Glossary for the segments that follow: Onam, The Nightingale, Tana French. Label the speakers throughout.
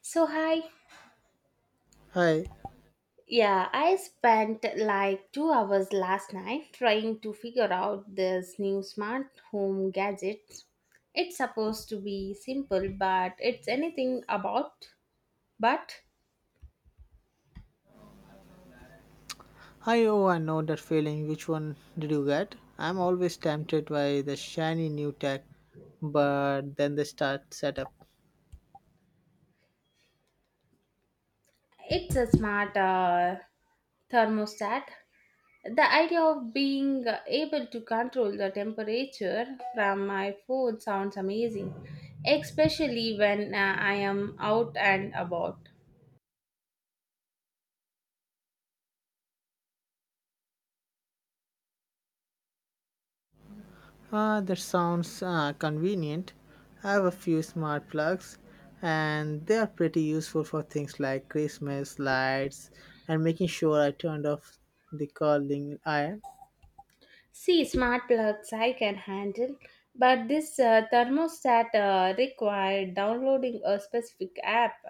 Speaker 1: So, hi.
Speaker 2: Hi.
Speaker 1: Yeah, I spent like 2 hours last night trying to figure out this new smart home gadget. It's supposed to be simple, but it's anything about. But
Speaker 2: I oh, I know that feeling. Which one did you get? I'm always tempted by the shiny new tech, but then the start setup.
Speaker 1: It's a smart thermostat. The idea of being able to control the temperature from my phone sounds amazing, especially when I am out and about.
Speaker 2: Ah, that sounds convenient. I have a few smart plugs, and they are pretty useful for things like Christmas lights and making sure I turned off the curling iron.
Speaker 1: See, smart plugs I can handle, but this thermostat required downloading a specific app,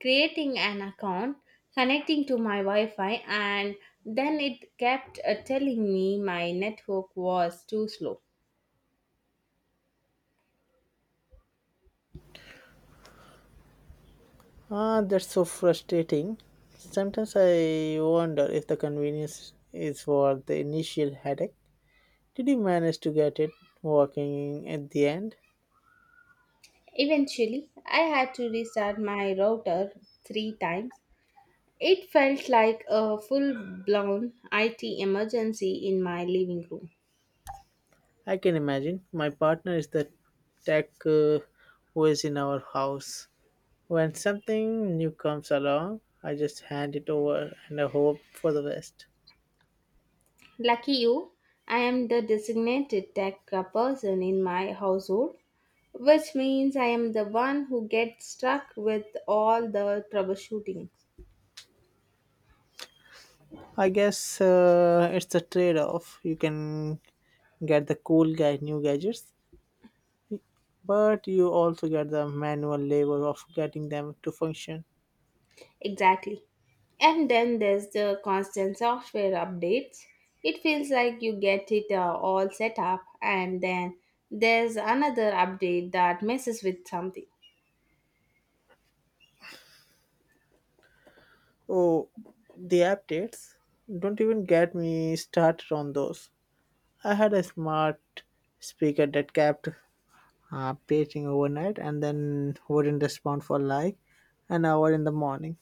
Speaker 1: creating an account, connecting to my Wi Fi, and then it kept telling me my network was too slow.
Speaker 2: Ah, that's so frustrating. Sometimes I wonder if the convenience is worth the initial headache. Did you manage to get it working at the end?
Speaker 1: Eventually, I had to restart my router three times. It felt like a full blown IT emergency in my living room.
Speaker 2: I can imagine. My partner is the tech who is in our house. When something new comes along, I just hand it over and I hope for the best.
Speaker 1: Lucky you, I am the designated tech person in my household, which means I am the one who gets stuck with all the troubleshooting.
Speaker 2: I guess it's a trade off. You can get the cool guy new gadgets, but you also get the manual labor of getting them to function.
Speaker 1: Exactly. And then there's the constant software updates. It feels like you get it all set up, and then there's another update that messes with something.
Speaker 2: Oh, the updates. Don't even get me started on those. I had a smart speaker that kept paging overnight and then wouldn't respond for like an hour in the morning.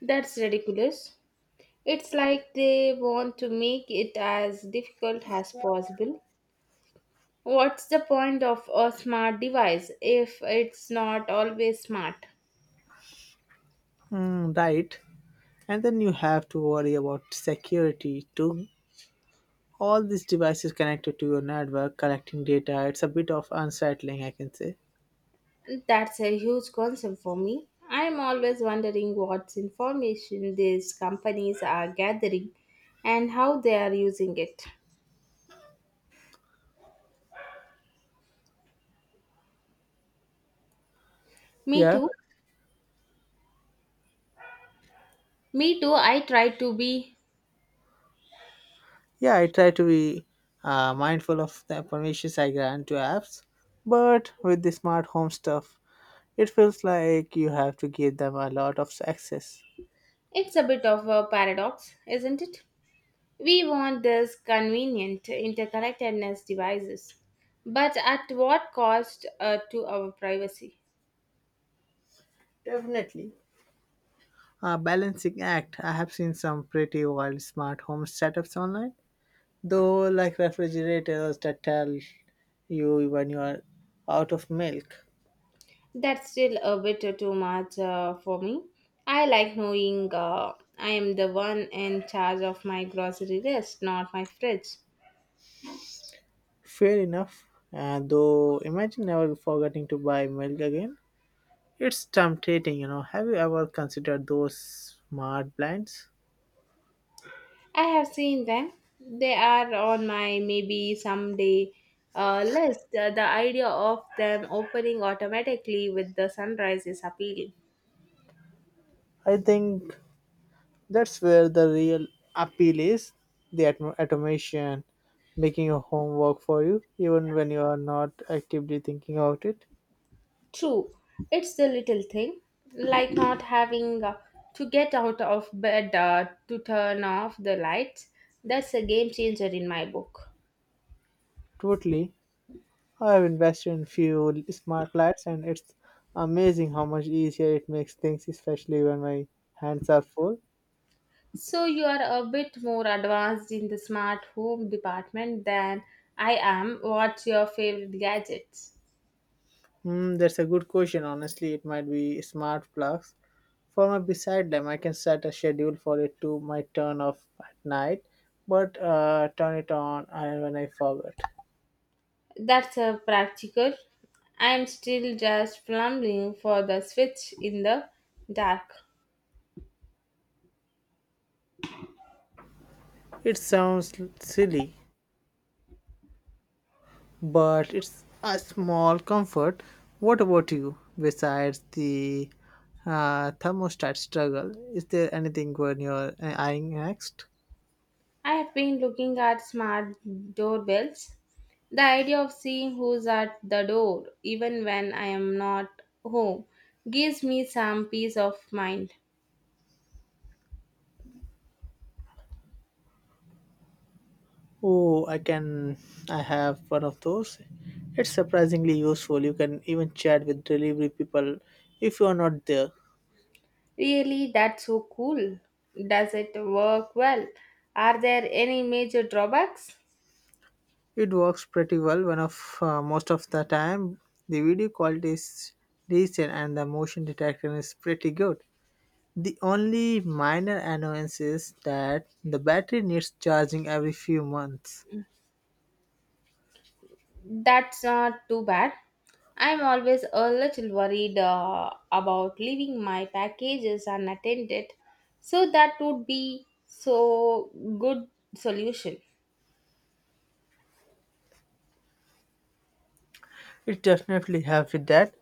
Speaker 1: That's ridiculous. It's like they want to make it as difficult as possible. What's the point of a smart device if it's not always smart?
Speaker 2: Mm, right. And then you have to worry about security too. All these devices connected to your network, collecting data, it's a bit of unsettling, I can say.
Speaker 1: That's a huge concern for me. I'm always wondering what information these companies are gathering and how they are using it. Me
Speaker 2: Yeah.
Speaker 1: too. Me too. I try to be.
Speaker 2: Yeah, I try to be mindful of the permissions I grant to apps, but with the smart home stuff, it feels like you have to give them a lot of access.
Speaker 1: It's a bit of a paradox, isn't it? We want this convenient interconnectedness devices, but at what cost to our privacy?
Speaker 2: Definitely. A balancing act. I have seen some pretty wild smart home setups online, though, like refrigerators that tell you when you are out of milk.
Speaker 1: That's still a bit too much for me. I like knowing I am the one in charge of my grocery list, not my fridge.
Speaker 2: Fair enough. Though, imagine never forgetting to buy milk again. It's tempting, you know. Have you ever considered those smart blinds?
Speaker 1: I have seen them. They are on my maybe someday list. The idea of them opening automatically with the sunrise is appealing.
Speaker 2: I think that's where the real appeal is, the automation making your home work for you, even when you are not actively thinking about it.
Speaker 1: True, it's the little thing, like not having to get out of bed to turn off the lights. That's a game changer in my book.
Speaker 2: Totally. I have invested in few smart lights, and it's amazing how much easier it makes things, especially when my hands are full.
Speaker 1: So you are a bit more advanced in the smart home department than I am. What's your favorite gadgets?
Speaker 2: Hmm, that's a good question. Honestly, it might be smart plugs. For my beside them, I can set a schedule for it to my turn off at night, but turn it on when I forget.
Speaker 1: That's a practical. I'm still just plumbing for the switch in the dark.
Speaker 2: It sounds silly, but it's a small comfort. What about you? Besides the thermostat struggle, is there anything when you're eyeing next?
Speaker 1: I have been looking at smart doorbells. The idea of seeing who's at the door, even when I am not home, gives me some peace of mind.
Speaker 2: Oh, I can. I have one of those. It's surprisingly useful. You can even chat with delivery people if you are not there.
Speaker 1: Really, that's so cool. Does it work well? Are there any major drawbacks?
Speaker 2: It works pretty well. One of most of the time, the video quality is decent and the motion detection is pretty good. The only minor annoyance is that the battery needs charging every few months.
Speaker 1: That's not too bad. I'm always a little worried about leaving my packages unattended, so that would be so good solution.
Speaker 2: It definitely helps with that.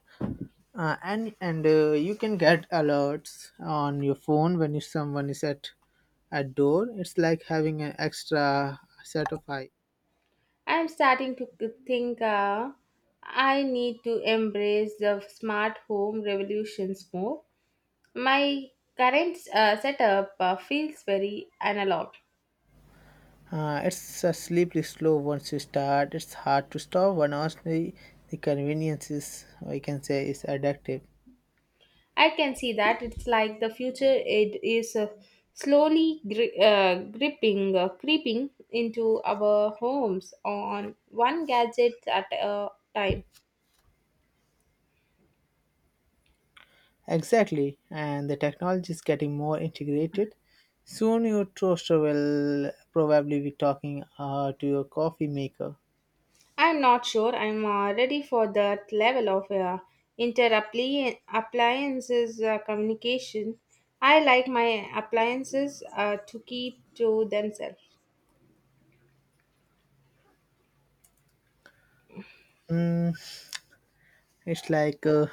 Speaker 2: And you can get alerts on your phone when you, someone is at door. It's like having an extra set of eyes.
Speaker 1: I'm starting to think I need to embrace the smart home revolutions more. My current setup feels very analog.
Speaker 2: It's a slippery slope once you start. It's hard to stop. One honestly, the convenience is, I can say, is addictive.
Speaker 1: I can see that it's like the future it is slowly creeping into our homes on one gadget at a time.
Speaker 2: Exactly, and the technology is getting more integrated. Soon your toaster will probably be talking to your coffee maker.
Speaker 1: I'm not sure I'm ready for that level of inter-appliances communication. I like my appliances to keep to themselves.
Speaker 2: It's like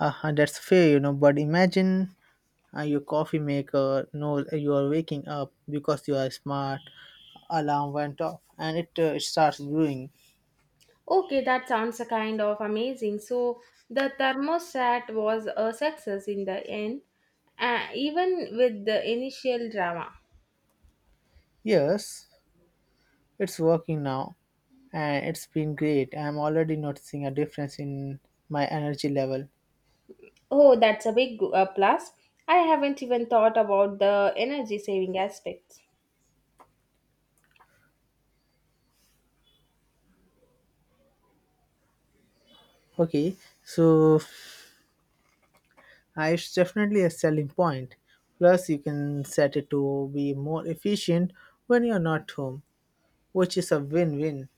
Speaker 2: That's fair, you know. But imagine your coffee maker knows you are waking up because you are smart. Alarm went off, and it starts brewing.
Speaker 1: Okay, that sounds a kind of amazing. So the thermostat was a success in the end, even with the initial drama.
Speaker 2: Yes, it's working now, and it's been great. I'm already noticing a difference in my energy level.
Speaker 1: Oh, that's a big plus. I haven't even thought about the energy saving aspects.
Speaker 2: Okay, so. It's definitely a selling point. Plus, you can set it to be more efficient when you're not home, which is a win win.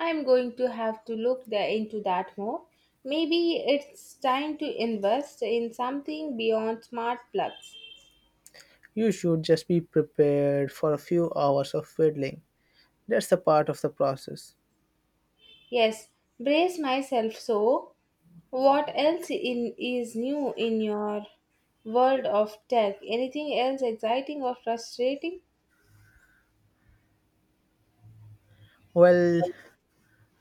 Speaker 1: I'm going to have to look into that more. Maybe it's time to invest in something beyond smart plugs.
Speaker 2: You should just be prepared for a few hours of fiddling. That's a part of the process.
Speaker 1: Yes, brace myself so. What else is new in your world of tech? Anything else exciting or frustrating?
Speaker 2: Well,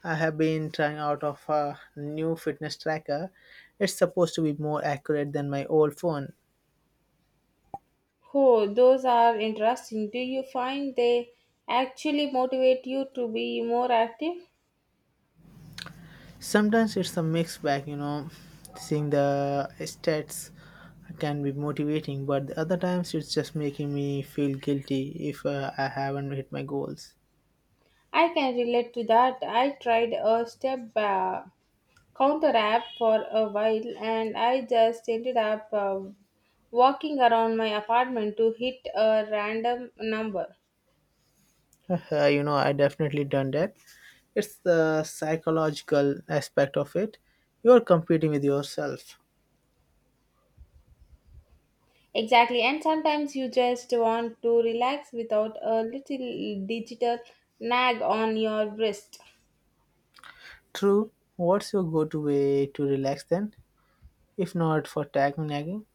Speaker 2: I have been trying out of a new fitness tracker. It's supposed to be more accurate than my old phone,
Speaker 1: Oh, those are interesting. Do you find they actually motivate you to be more active?
Speaker 2: sometimes it's a mixed bag, you know, seeing the stats can be motivating, but the other times it's just making me feel guilty if I haven't hit my goals.
Speaker 1: I can relate to that. I tried a step counter app for a while and I just ended up walking around my apartment to hit a random number.
Speaker 2: You know, I definitely done that. It's the psychological aspect of it, you're competing with yourself.
Speaker 1: Exactly, and sometimes you just want to relax without a little digital nag on your wrist.
Speaker 2: True. What's your go-to way to relax then if not for tag nagging?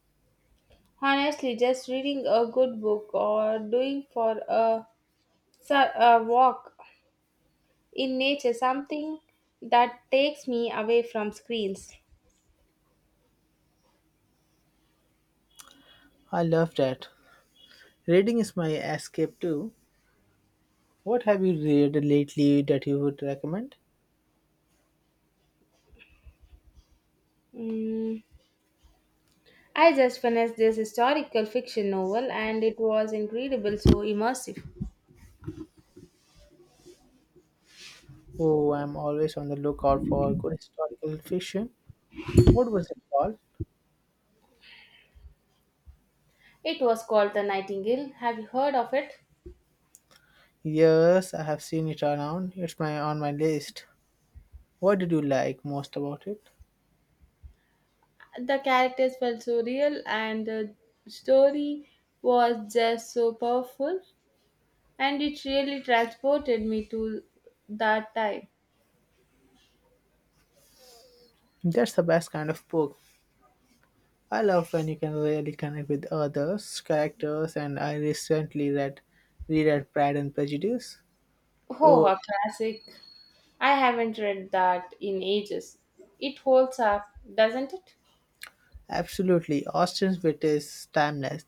Speaker 1: Honestly, just reading a good book or doing a walk in nature something that takes me away from screens.
Speaker 2: I love that. Reading is my escape too. What have you read lately that you would recommend?
Speaker 1: Mm. I just finished this historical fiction novel and it was incredible, so immersive.
Speaker 2: Oh, I'm always on the lookout for good historical fiction. What was it called?
Speaker 1: It was called The Nightingale. Have you heard of it?
Speaker 2: Yes, I have seen it around. It's my on my list. What did you like most about it?
Speaker 1: The characters felt so real, and the story was just so powerful, and it really transported me to that time.
Speaker 2: That's the best kind of book. I love when you can really connect with others, characters, and I recently read reread Pride and Prejudice.
Speaker 1: Oh,
Speaker 2: Oh,
Speaker 1: a classic! I haven't read that in ages. It holds up, doesn't it?
Speaker 2: absolutely. Austen's wit is timeless.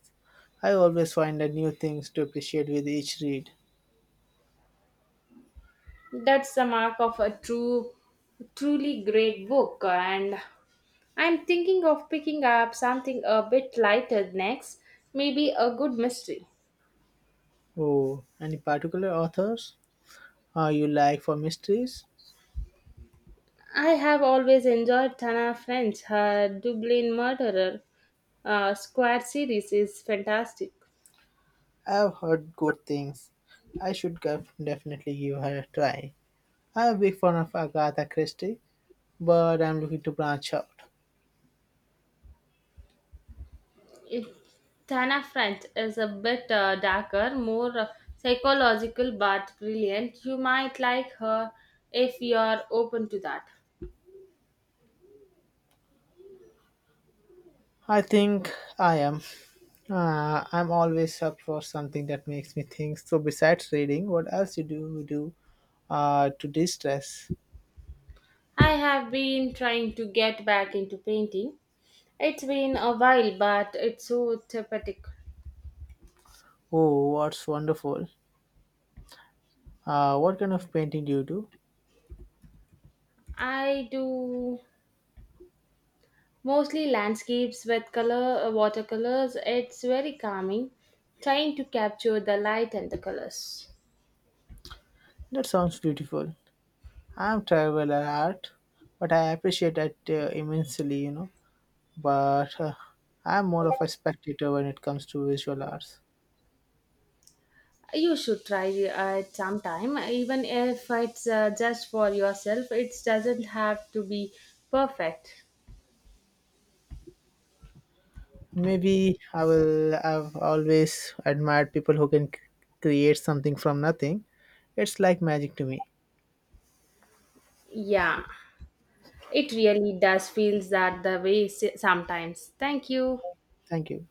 Speaker 2: I always find a new things to appreciate with each read.
Speaker 1: That's the mark of a truly great book. And I'm thinking of picking up something a bit lighter next, maybe a good mystery.
Speaker 2: Oh, any particular authors you like for mysteries?
Speaker 1: I have always enjoyed Tana French. Her Dublin Murderer Squad series is fantastic.
Speaker 2: I've heard good things. I should definitely give her a try. I'm a big fan of Agatha Christie, but I'm looking to branch out.
Speaker 1: It, Tana French is a bit darker, more psychological, but brilliant. You might like her if you're open to that.
Speaker 2: I think I am. I'm always up for something that makes me think. So besides reading, what else you do to distress?
Speaker 1: I have been trying to get back into painting. It's been a while, but it's so therapeutic.
Speaker 2: Oh, what's wonderful. What kind of painting do you do?
Speaker 1: I do mostly landscapes with color watercolors. It's very calming, trying to capture the light and the colors.
Speaker 2: That sounds beautiful. I'm terrible at art, but I appreciate it immensely, you know. But I'm more of a spectator when it comes to visual arts.
Speaker 1: You should try it sometime, even if it's just for yourself. It doesn't have to be perfect.
Speaker 2: Maybe I will. I've always admired people who can create something from nothing. It's like magic to me.
Speaker 1: Yeah, it really does feels that the way sometimes. Thank you.
Speaker 2: Thank you.